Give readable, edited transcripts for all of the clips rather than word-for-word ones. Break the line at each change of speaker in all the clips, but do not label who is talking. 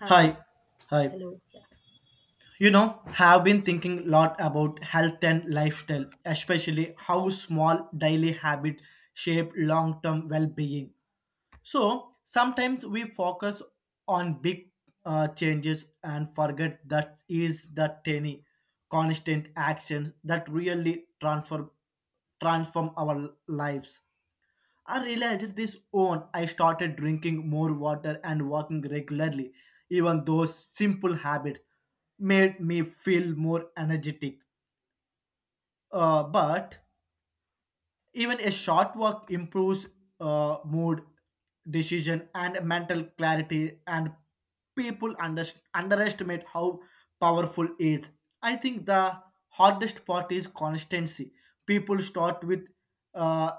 Hi,
Hi, hi.
hello. Yeah.
You know, have been thinking a lot about health and lifestyle, especially how small daily habits shape long-term well-being. So sometimes we focus on big changes and forget that is the tiny, constant actions that really transform our lives. I realized this own. I started drinking more water and walking regularly. Even those simple habits made me feel more energetic. But even a short walk improves mood, decision, and mental clarity. And people underestimate how powerful it is. I think the hardest part is constancy. People start with uh,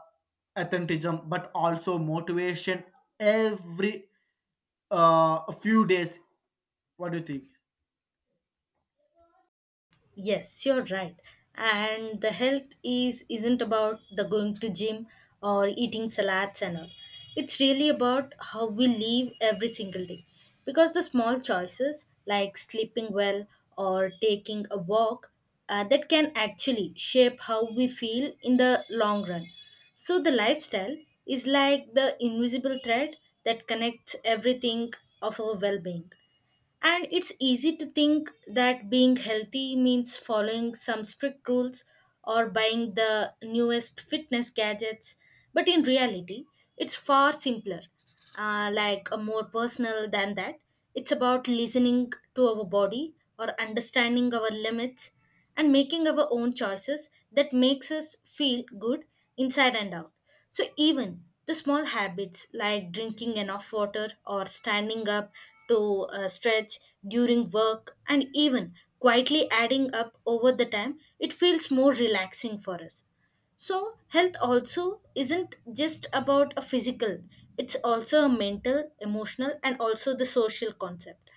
authentism, but also motivation every few days. What do you think?
Yes, you're right. And the health is isn't about the going to gym or eating salads and all. It's really about how we live every single day. Because the small choices like sleeping well or taking a walk that can actually shape how we feel in the long run. So the lifestyle is like the invisible thread that connects everything of our well-being. And it's easy to think that being healthy means following some strict rules or buying the newest fitness gadgets, but in reality, it's far simpler, like more personal than that. It's about listening to our body or understanding our limits and making our own choices that makes us feel good inside and out. So even the small habits like drinking enough water or standing up to stretch during work and even quietly adding up over the time, it feels more relaxing for us. So, health also isn't just about a physical, it's also a mental, emotional, and also the social concept.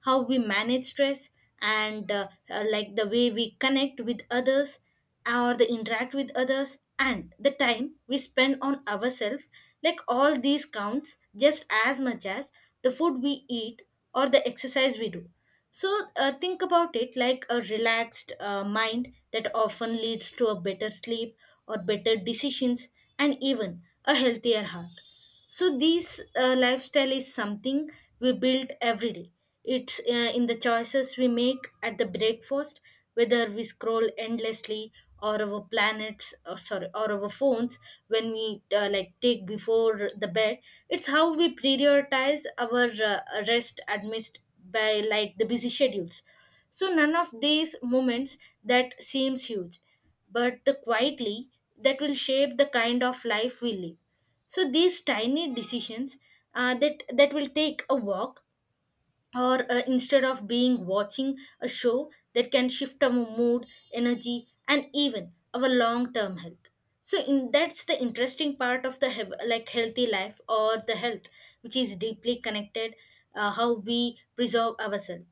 How we manage stress and like the way we connect with others or the interact with others and the time we spend on ourselves, like all these counts just as much as the food we eat or the exercise we do, so think about it like a relaxed mind that often leads to a better sleep or better decisions and even a healthier heart. So this lifestyle is something we build every day. It's in the choices we make at the breakfast, whether we scroll endlessly or our planets or sorry or our phones when we like take before the bed. It's how we prioritize our rest amidst by like the busy schedules, so none of these moments that seems huge but the quietly that will shape the kind of life we live, so these tiny decisions that will take a walk or instead of being watching a show that can shift our mood, energy, and even our long-term health. So in, that's the interesting part of the like healthy life or the health, which is deeply connected how we preserve ourselves.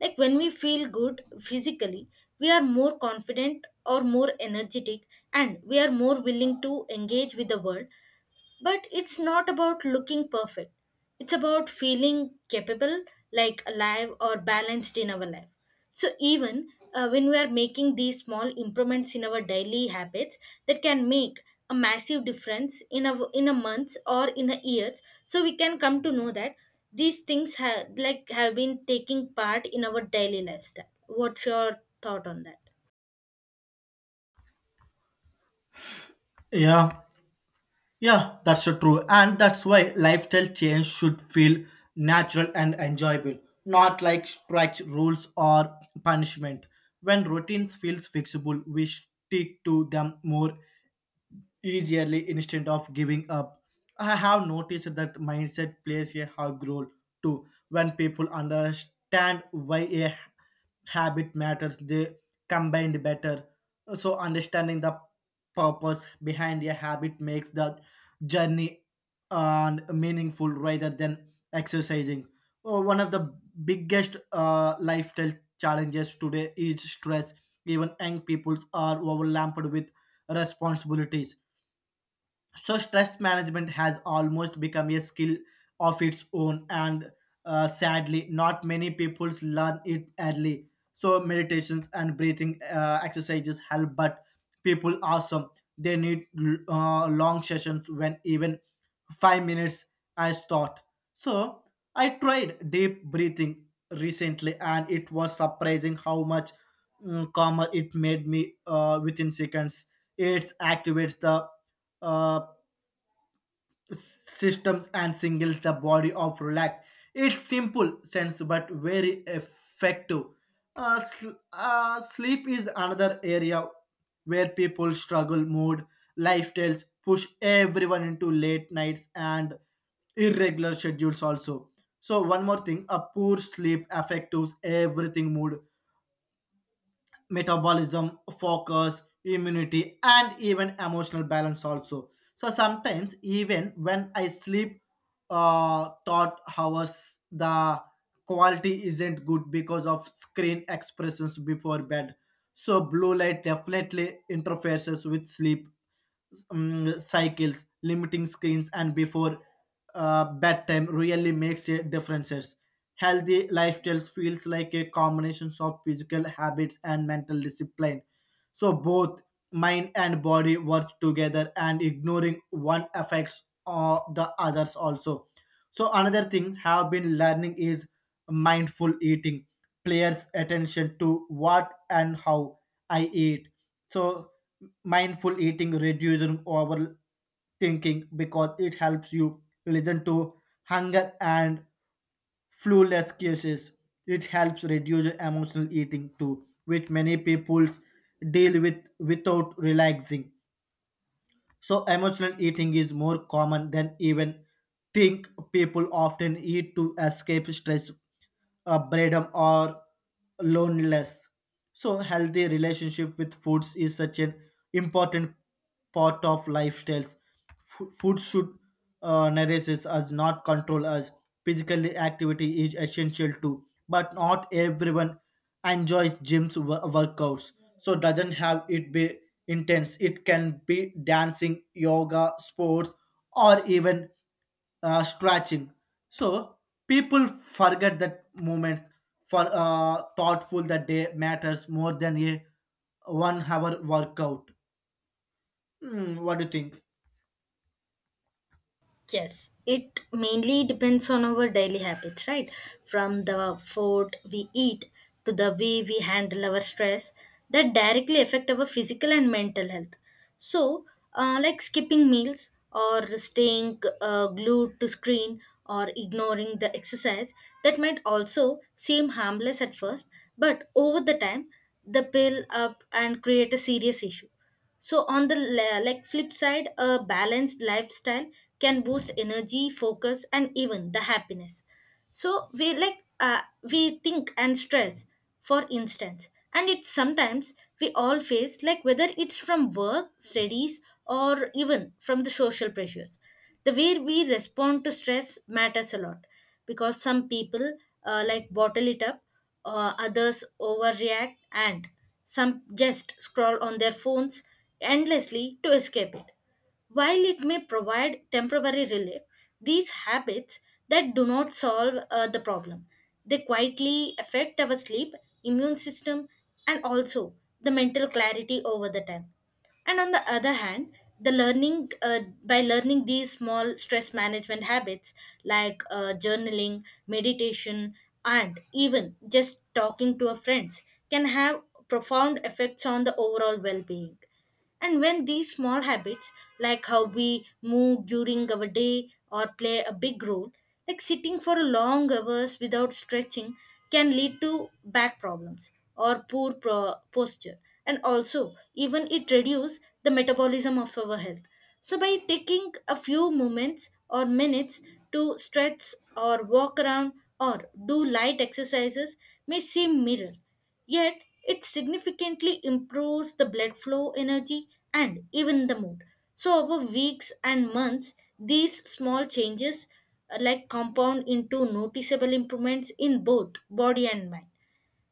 Like when we feel good physically, we are more confident or more energetic, and we are more willing to engage with the world, but it's not about looking perfect. It's about feeling capable, like alive or balanced in our life. So, even when we are making these small improvements in our daily habits that can make a massive difference in a month or in a year, so we can come to know that these things have like have been taking part in our daily lifestyle. What's your thought on that?
Yeah, Yeah, that's so true. And that's why lifestyle change should feel natural and enjoyable, not like strict rules or punishment. When routines feels fixable, we stick to them more easily instead of giving up. I have noticed that mindset plays a hug role too. When people understand why a habit matters, they combine better. So understanding the purpose behind a habit makes the journey and meaningful rather than exercising. Oh, one of the biggest lifestyle challenges today is stress. Even young people are overwhelmed with responsibilities, so stress management has almost become a skill of its own, and sadly, not many people learn it early. So meditations and breathing exercises help, but people are some they need long sessions when even 5 minutes as thought. So I tried deep breathing recently, and it was surprising how much calmer it made me within seconds. It activates the uh, systems and singles the body of relax. It's simple sense but very effective. Sleep is another area where people struggle mood lifestyles push everyone into late nights and irregular schedules also. So one more thing, a poor sleep affects everything: mood, metabolism, focus, immunity, and even emotional balance also. So sometimes even when I sleep thought hours the quality isn't good because of screen expressions before bed. So blue light definitely interferes with sleep cycles, limiting screens, and before bedtime really makes a difference. Healthy lifestyles feels like a combination of physical habits and mental discipline. So both mind and body work together, and ignoring one affects the others also. So another thing have been learning is mindful eating. Players attention to what and how I eat. So mindful eating reducing overthinking because it helps you listen to hunger and flawless cases. It helps reduce emotional eating too, which many people deal with without relaxing. So emotional eating is more common than even think. People often eat to escape stress, boredom, or loneliness. So healthy relationship with foods is such an important part of lifestyles. Food should nourish us, not control us. Physical activity is essential too, but not everyone enjoys gym's workouts. So doesn't have it be intense. It can be dancing, yoga, sports, or even stretching. So people forget that moment for thoughtful that day matters more than a 1 hour workout. Hmm, what do you think?
Yes, it mainly depends on our daily habits, right? From the food we eat to the way we handle our stress that directly affect our physical and mental health. So, like skipping meals or staying glued to screen or ignoring the exercise that might also seem harmless at first, but over the time, the build up and create a serious issue. So on the like flip side, a balanced lifestyle can boost energy, focus, and even the happiness. So we like we think and stress, for instance, and it's sometimes we all face, like whether it's from work, studies, or even from the social pressures. The way we respond to stress matters a lot because some people like bottle it up, others overreact, and some just scroll on their phones endlessly to escape it. While it may provide temporary relief, these habits that do not solve the problem, they quietly affect our sleep, immune system, and also the mental clarity over the time. And on the other hand, the learning by learning these small stress management habits like journaling, meditation, and even just talking to a friends can have profound effects on the overall well-being. And when these small habits, like how we move during our day or play a big role, like sitting for long hours without stretching can lead to back problems or poor posture and also even it reduces the metabolism of our health. So by taking a few moments or minutes to stretch or walk around or do light exercises may seem mirror. Yet, it significantly improves the blood flow, energy, and even the mood. So, over weeks and months, these small changes like compound into noticeable improvements in both body and mind,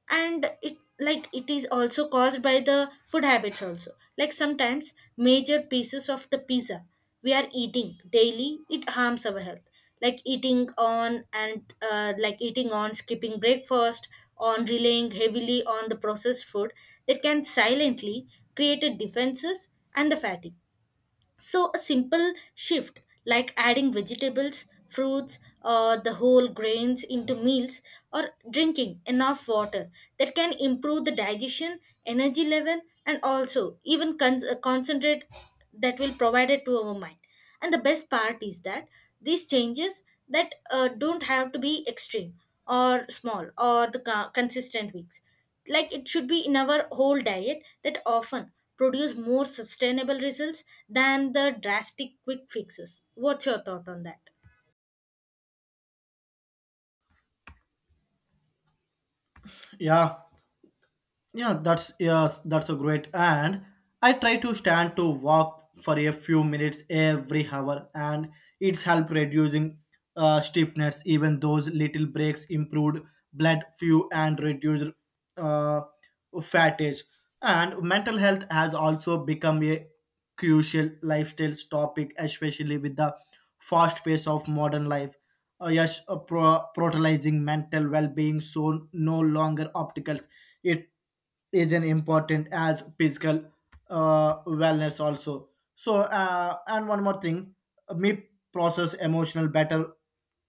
and it like it is also caused by the food habits also, like sometimes major pieces of the pizza we are eating daily it harms our health, like eating on and like eating on skipping breakfast on relying heavily on the processed food that can silently create a defenses and the fatigue. So, a simple shift like adding vegetables, fruits, or the whole grains into meals or drinking enough water that can improve the digestion, energy level, and also even concentrate that will provide it to our mind. And the best part is that these changes that don't have to be extreme or small or the consistent weeks, like it should be in our whole diet that often produce more sustainable results than the drastic quick fixes. What's your thought on that?
Yeah Yeah, that's yes, that's a great. And I try to stand to walk for a few minutes every hour, and it's helped reducing stiffness. Even those little breaks improved blood flow and reduced uh, fatigue. And mental health has also become a crucial lifestyle topic, especially with the fast pace of modern life. Prioritizing mental well-being so no longer obstacles. It is an important as physical wellness also. So and one more thing, me process emotional better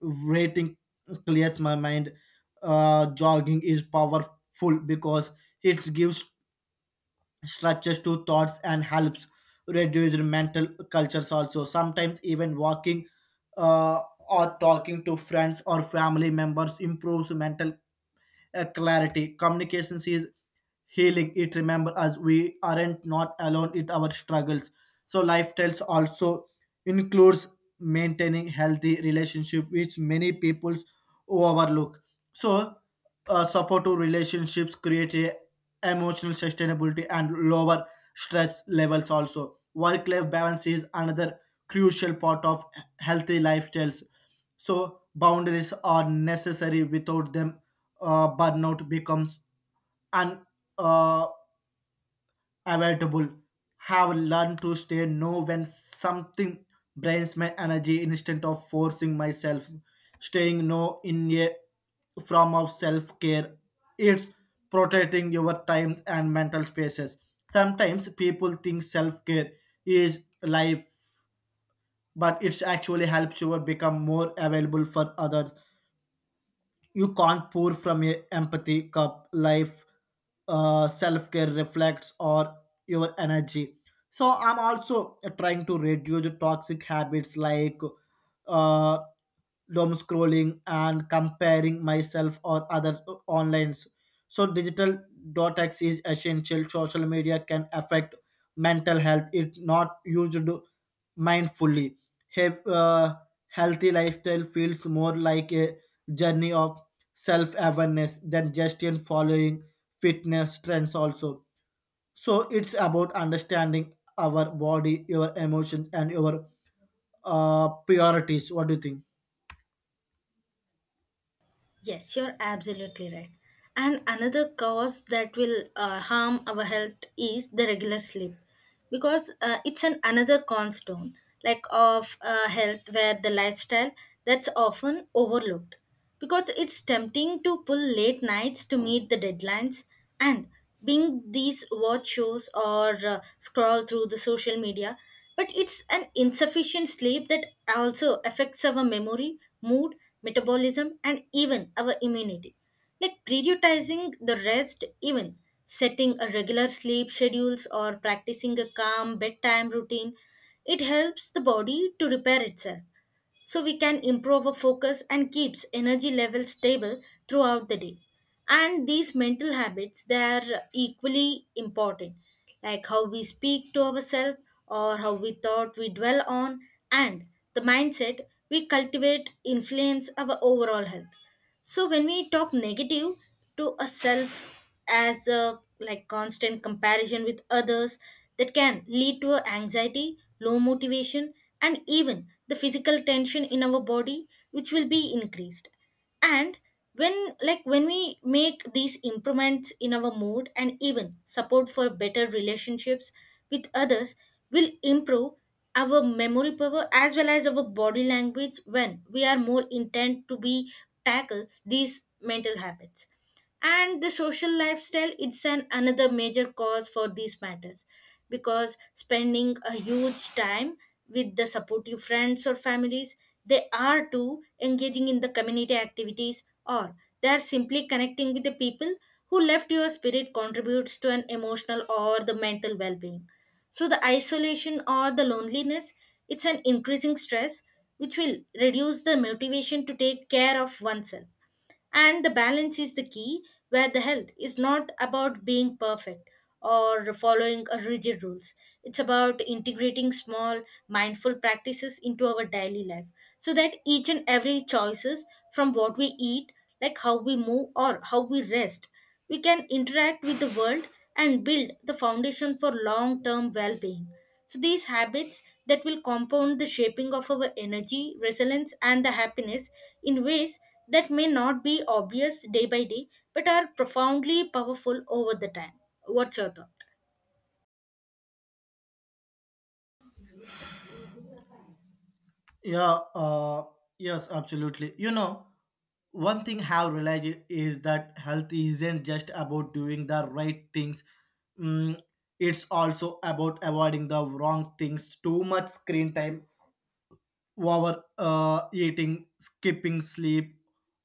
rating clears my mind. Jogging is powerful because it gives structures to thoughts and helps reduce mental cultures also. Sometimes even walking uh, or talking to friends or family members improves mental clarity. Communications is healing. It remember us we aren't not alone in our struggles. So lifestyles also includes maintaining healthy relationship, which many people overlook. So supportive relationships create a emotional sustainability and lower stress levels. Also, work life balance is another crucial part of healthy lifestyles. So boundaries are necessary. Without them, burnout becomes unavoidable. Uh, avoidable. Have learned to stay know when something drains my energy instead of forcing myself. Staying no in a form of self care. It's protecting your time and mental spaces. Sometimes people think self care is life, but it's actually helps you become more available for others. You can't pour from a empathy cup. Life, self care reflects or your energy. So I'm also trying to reduce toxic habits like uh, doom scrolling and comparing myself or other online. So digital detox is essential. Social media can affect mental health if not used mindfully. Have Healthy lifestyle feels more like a journey of self-awareness than just in following fitness trends also. So it's about understanding our body, your emotions and your priorities. What do you think?
Yes, you're absolutely right. And another cause that will harm our health is the regular sleep, because it's an another cornerstone like of health where the lifestyle that's often overlooked, because it's tempting to pull late nights to meet the deadlines and being these watch shows or scroll through the social media, but it's an insufficient sleep that also affects our memory, mood, metabolism, and even our immunity. Like prioritizing the rest, even setting a regular sleep schedules or practicing a calm bedtime routine, it helps the body to repair itself so we can improve our focus and keeps energy levels stable throughout the day. And these mental habits they are equally important, like how we speak to ourselves or how we thought we dwell on, and the mindset we cultivate influence our overall health. So when we talk negative to ourself as a like constant comparison with others, that can lead to a anxiety, low motivation, and even the physical tension in our body which will be increased. And when we make these improvements in our mood and even support for better relationships with others, will improve our memory power as well as our body language when we are more intent to be tackle these mental habits. And the social lifestyle, it's an another major cause for these matters because spending a huge time with the supportive friends or families, they are too engaging in the community activities, or they are simply connecting with the people who left your spirit, contributes to an emotional or the mental well-being. So the isolation or the loneliness, it's an increasing stress which will reduce the motivation to take care of oneself. And the balance is the key where the health is not about being perfect or following a rigid rules. It's about integrating small mindful practices into our daily life so that each and every choices, from what we eat, like how we move or how we rest, we can interact with the world and build the foundation for long term well being. So, these habits that will compound the shaping of our energy, resilience, and the happiness in ways that may not be obvious day by day but are profoundly powerful over the time. What's your thought?
Yeah, uh, yes, absolutely. You know, one thing have realized is that health isn't just about doing the right things. Mm, it's also about avoiding the wrong things. Too much screen time, over eating, skipping sleep,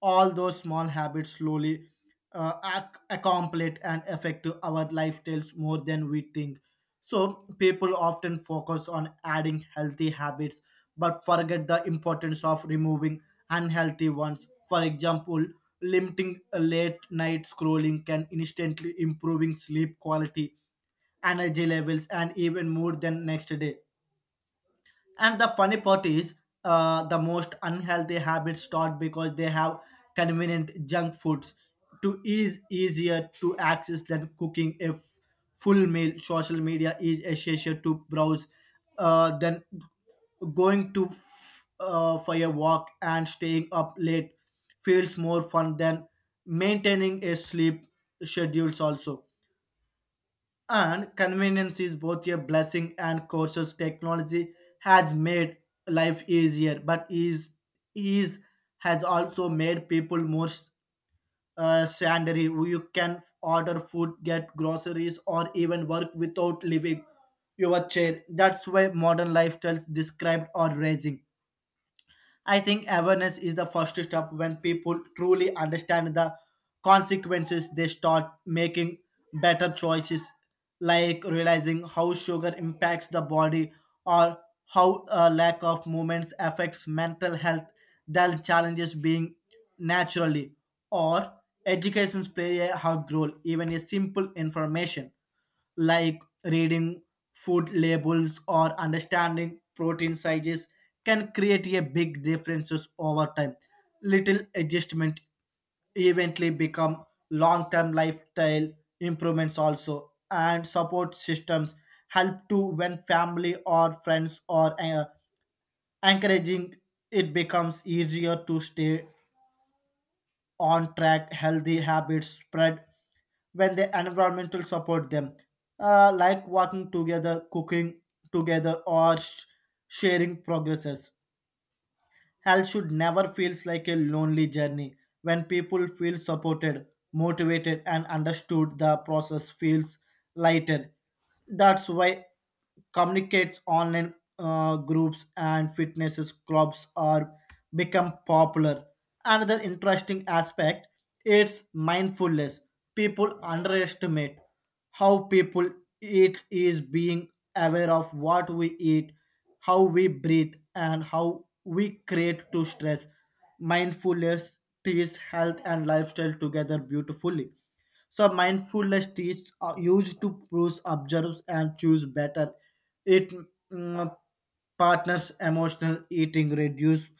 all those small habits slowly accomplish and affect to our lifestyles more than we think. So people often focus on adding healthy habits but forget the importance of removing unhealthy ones. For example, limiting late night scrolling can instantly improving sleep quality, energy levels, and even more than next day. And the funny part is, the most unhealthy habits start because they have convenient junk foods to ease easier to access than cooking a full meal. Social media is essential to browse, then going to for a walk, and staying up late feels more fun than maintaining a sleep schedules also. And convenience is both a blessing and curse. Technology has made life easier but is has also made people more sedentary. You can order food, get groceries, or even work without leaving your chair. That's why modern lifestyles described are rising. I think awareness is the first step. When people truly understand the consequences, they start making better choices, like realizing how sugar impacts the body or how a lack of movements affects mental health, then challenges being naturally. Or educations play a hug role. Even a simple information like reading food labels or understanding protein sizes can create a big differences over time. Little adjustment eventually become long-term lifestyle improvements also. And support systems help too. When family or friends or encouraging, it becomes easier to stay on track. Healthy habits spread when the environmental support them, like working together, cooking together, or sharing progresses. Health should never feels like a lonely journey. When people feel supported, motivated, and understood, the process feels lighter. That's why communicates online groups and fitness clubs are become popular. Another interesting aspect it's mindfulness. People underestimate how people eat is being aware of what we eat, how we breathe, and how we create to stress. Mindfulness ties health and lifestyle together beautifully. So mindfulness teach are used to pros observe and choose better. It mm, partners emotional eating, reduce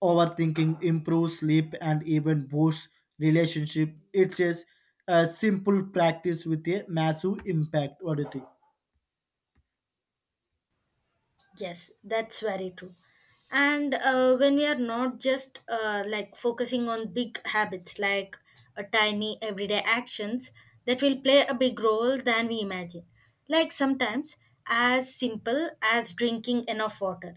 overthinking, improve sleep, and even boost relationship. It's just a simple practice with a massive impact. What do you think?
Yes, that's very true. And when we are not just like focusing on big habits, like tiny everyday actions that will play a big role than we imagine. Like sometimes as simple as drinking enough water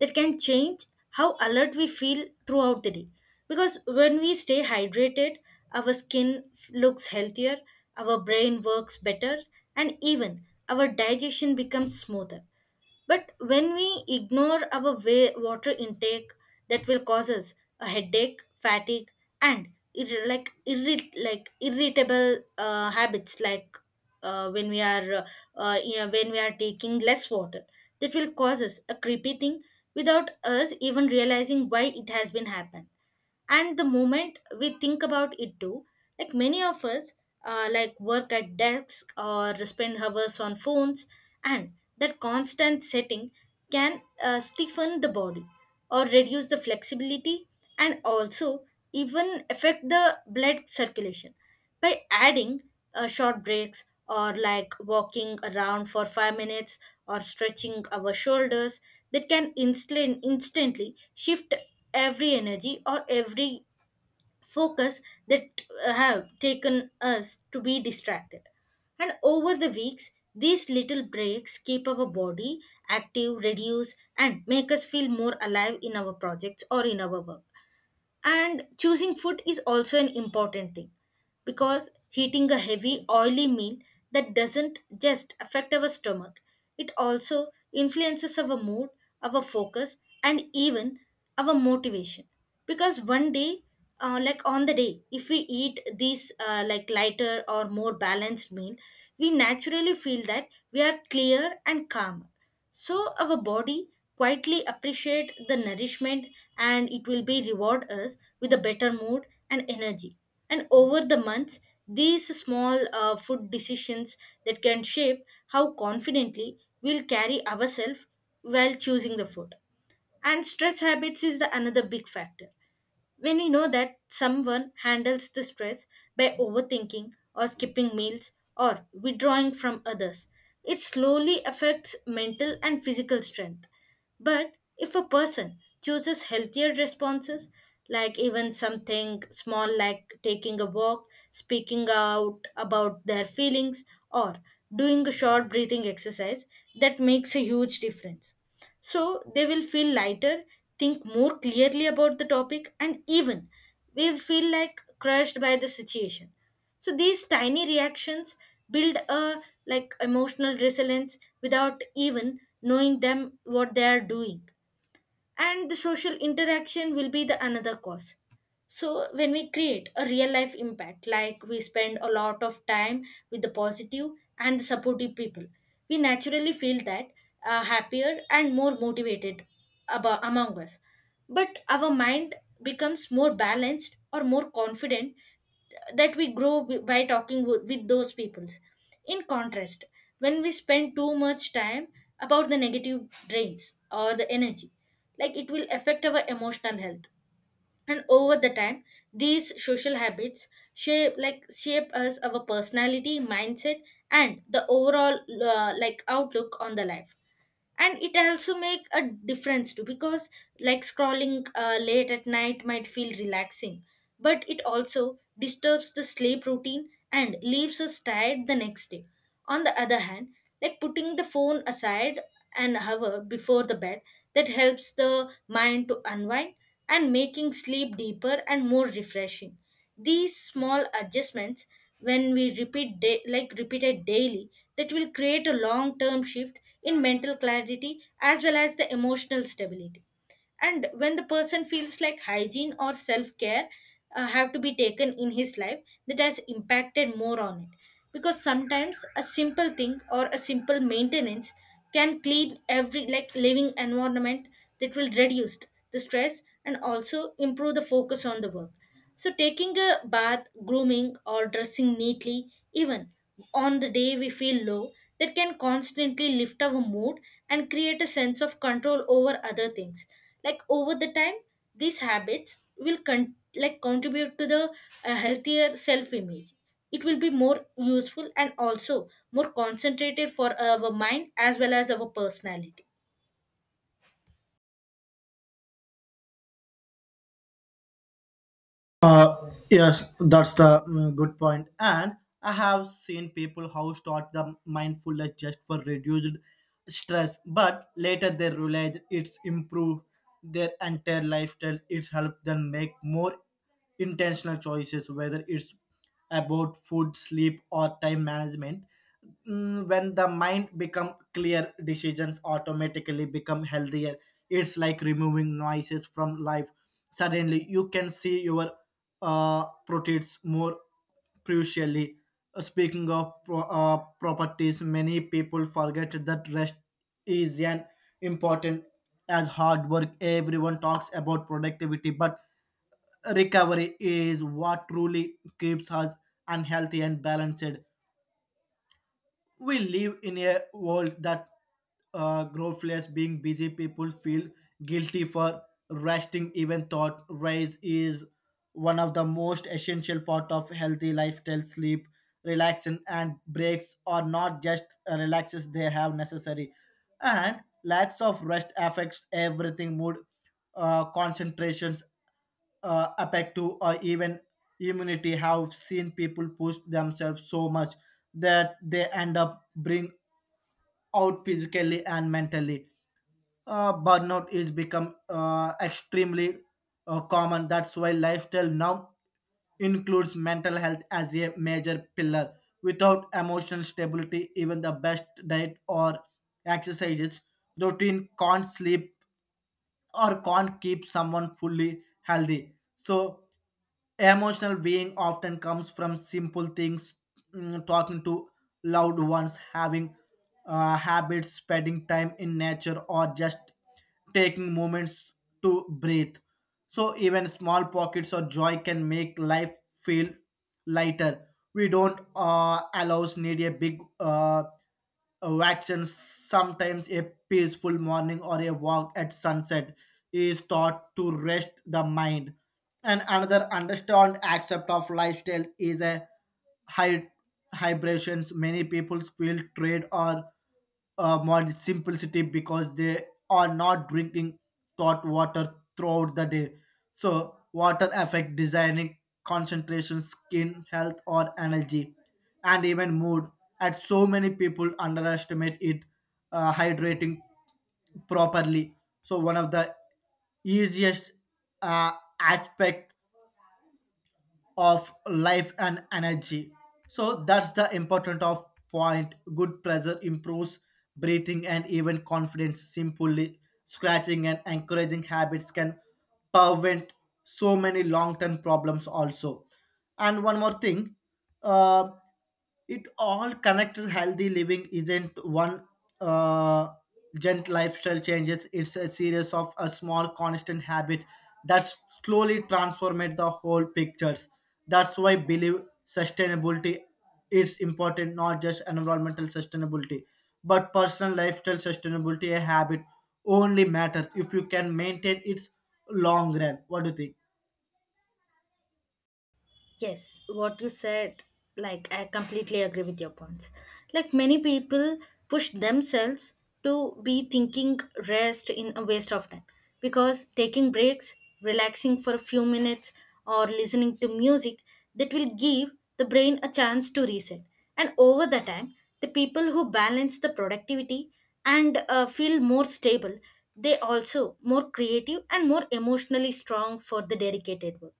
that can change how alert we feel throughout the day. Because when we stay hydrated, our skin looks healthier, our brain works better, and even our digestion becomes smoother, but when we ignore our water intake, that will cause us a headache, fatigue, and irritable habits. Like uh, when we are when we are taking less water, that will cause us a creepy thing without us even realizing why it has been happened. And the moment we think about it too, like many of us like work at desks or spend hours on phones, and that constant setting can stiffen the body or reduce the flexibility and also even affect the blood circulation by adding short breaks or like walking around for 5 minutes or stretching our shoulders, that can instantly shift every energy or every focus that have taken us to be distracted. And over the weeks, these little breaks keep our body active, reduce, and make us feel more alive in our projects or in our work. And choosing food is also an important thing, because eating a heavy, oily meal, that doesn't just affect our stomach, it also influences our mood, our focus, and even our motivation. Because one day, like on the day, if we eat this like lighter or more balanced meal, we naturally feel that we are clear and calmer, so our body quietly appreciate the nourishment, and it will be reward us with a better mood and energy. And over the months, these small food decisions, that can shape how confidently we'll carry ourselves while choosing the food. And stress habits is the another big factor. When we know that someone handles the stress by overthinking or skipping meals or withdrawing from others, it slowly affects mental and physical strength. But if a person chooses healthier responses, like even something small like taking a walk, speaking out about their feelings, or doing a short breathing exercise, that makes a huge difference. So they will feel lighter, think more clearly about the topic, and even will feel like crushed by the situation. So these tiny reactions build a like emotional resilience without even knowing them what they are doing. And the social interaction will be the another cause. So when we create a real life impact, like we spend a lot of time with the positive and the supportive people, we naturally feel that, happier and more motivated among us, but our mind becomes more balanced or more confident, that we grow by talking with those peoples. In contrast, when we spend too much time about the negative drains or the energy, like it will affect our emotional health. And over the time, these social habits shape, like shape us our personality mindset and the overall like outlook on the life. And it also make a difference too, because like scrolling late at night might feel relaxing, but it also disturbs the sleep routine and leaves us tired the next day. On the other hand, like putting the phone aside an hour before the bed, that helps the mind to unwind and making sleep deeper and more refreshing. These small adjustments, when we repeat repeated daily, that will create a long term shift in mental clarity as well as the emotional stability. And when the person feels like hygiene or self-care have to be taken in his life, that has impacted more on it, because sometimes a simple thing or a simple maintenance can clean every like living environment that will reduce the stress and also improve the focus on the work. So taking a bath, grooming, or dressing neatly, even on the day we feel low, that can constantly lift our mood and create a sense of control over other things. Like over the time, these habits will contribute to the healthier self image. It will be more useful and also more concentrated for our mind as well as our personality.
Uh, yes, that's the good point. And I have seen people how start the mindfulness just for reduced stress, but later they realize it's improved their entire lifestyle. It's helped them make more intentional choices, whether it's about food, sleep, or time management. When the mind become clear, decisions automatically become healthier. It's like removing noises from life. Suddenly, you can see your proteins more crucially. Speaking of properties, many people forget that rest is an important as hard work. Everyone talks about productivity, but recovery is what truly keeps us unhealthy and balanced. We live in a world that growthless being busy people feel guilty for resting even thought raise is one of the most essential part of healthy lifestyle. Sleep, relaxation, and breaks are not just relaxes, they have necessary. And lacks of rest affects everything: mood, concentrations, affective, or even immunity. Have seen people push themselves so much that they end up bring out physically and mentally. Burnout is become extremely common. That's why lifestyle now includes mental health as a major pillar. Without emotional stability, even the best diet or exercises routine can't sleep or can't keep someone fully healthy. So emotional being often comes from simple things: talking to loved ones, having habits, spending time in nature, or just taking moments to breathe. So even small pockets of joy can make life feel lighter. We don't allow need a big vaccines. Sometimes a peaceful morning or a walk at sunset is thought to rest the mind. And another understand accept of lifestyle is a high hybrations. Many people feel trade or more simplicity because they are not drinking hot water throughout the day. So water affect designing, concentration, skin health, or energy, and even mood. And so many people underestimate it. Hydrating properly. So one of the easiest uh, aspect of life and energy, so that's the important of point. Good pressure improves breathing and even confidence. Simply scratching and encouraging habits can prevent so many long-term problems also. And one more thing, uh, it all connects. Healthy living isn't one uh, gent lifestyle changes, it's a series of a small constant habits that slowly transform the whole pictures. That's why I believe sustainability it's important, not just environmental sustainability but personal lifestyle sustainability. A habit only matters if you can maintain its long run. What do you think?
Yes, what you said, like I completely agree with your points. Like many people push themselves to be thinking rest in a waste of time, because taking breaks, relaxing for a few minutes, or listening to music, that will give the brain a chance to reset. And over the time, the people who balance the productivity and feel more stable, they also more creative and more emotionally strong for the dedicated work.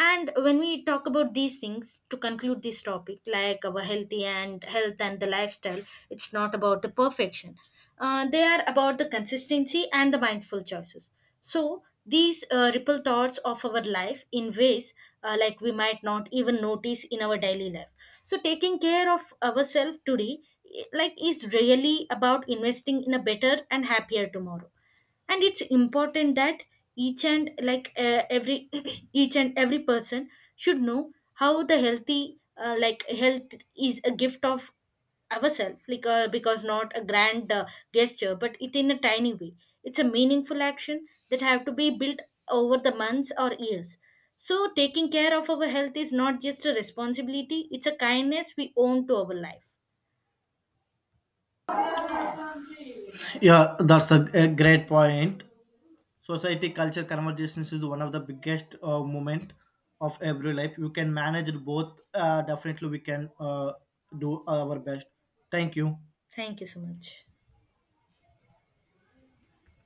And when we talk about these things to conclude this topic, like our healthy and health and the lifestyle, it's not about the perfection, they are about the consistency and the mindful choices. So these ripple thoughts of our life in ways, like we might not even notice in our daily life. So taking care of ourselves today, like is really about investing in a better and happier tomorrow. And it's important that each and like every each and every person should know how the healthy like health is a gift of ourselves, like because not a grand gesture, but it in a tiny way, it's a meaningful action that have to be built over the months or years. So taking care of our health is not just a responsibility, it's a kindness we own to our life.
Yeah, that's a great point. Society culture conversations is one of the biggest moment of every life. You can manage it both. Definitely, we can do our best. Thank you.
Thank you so much.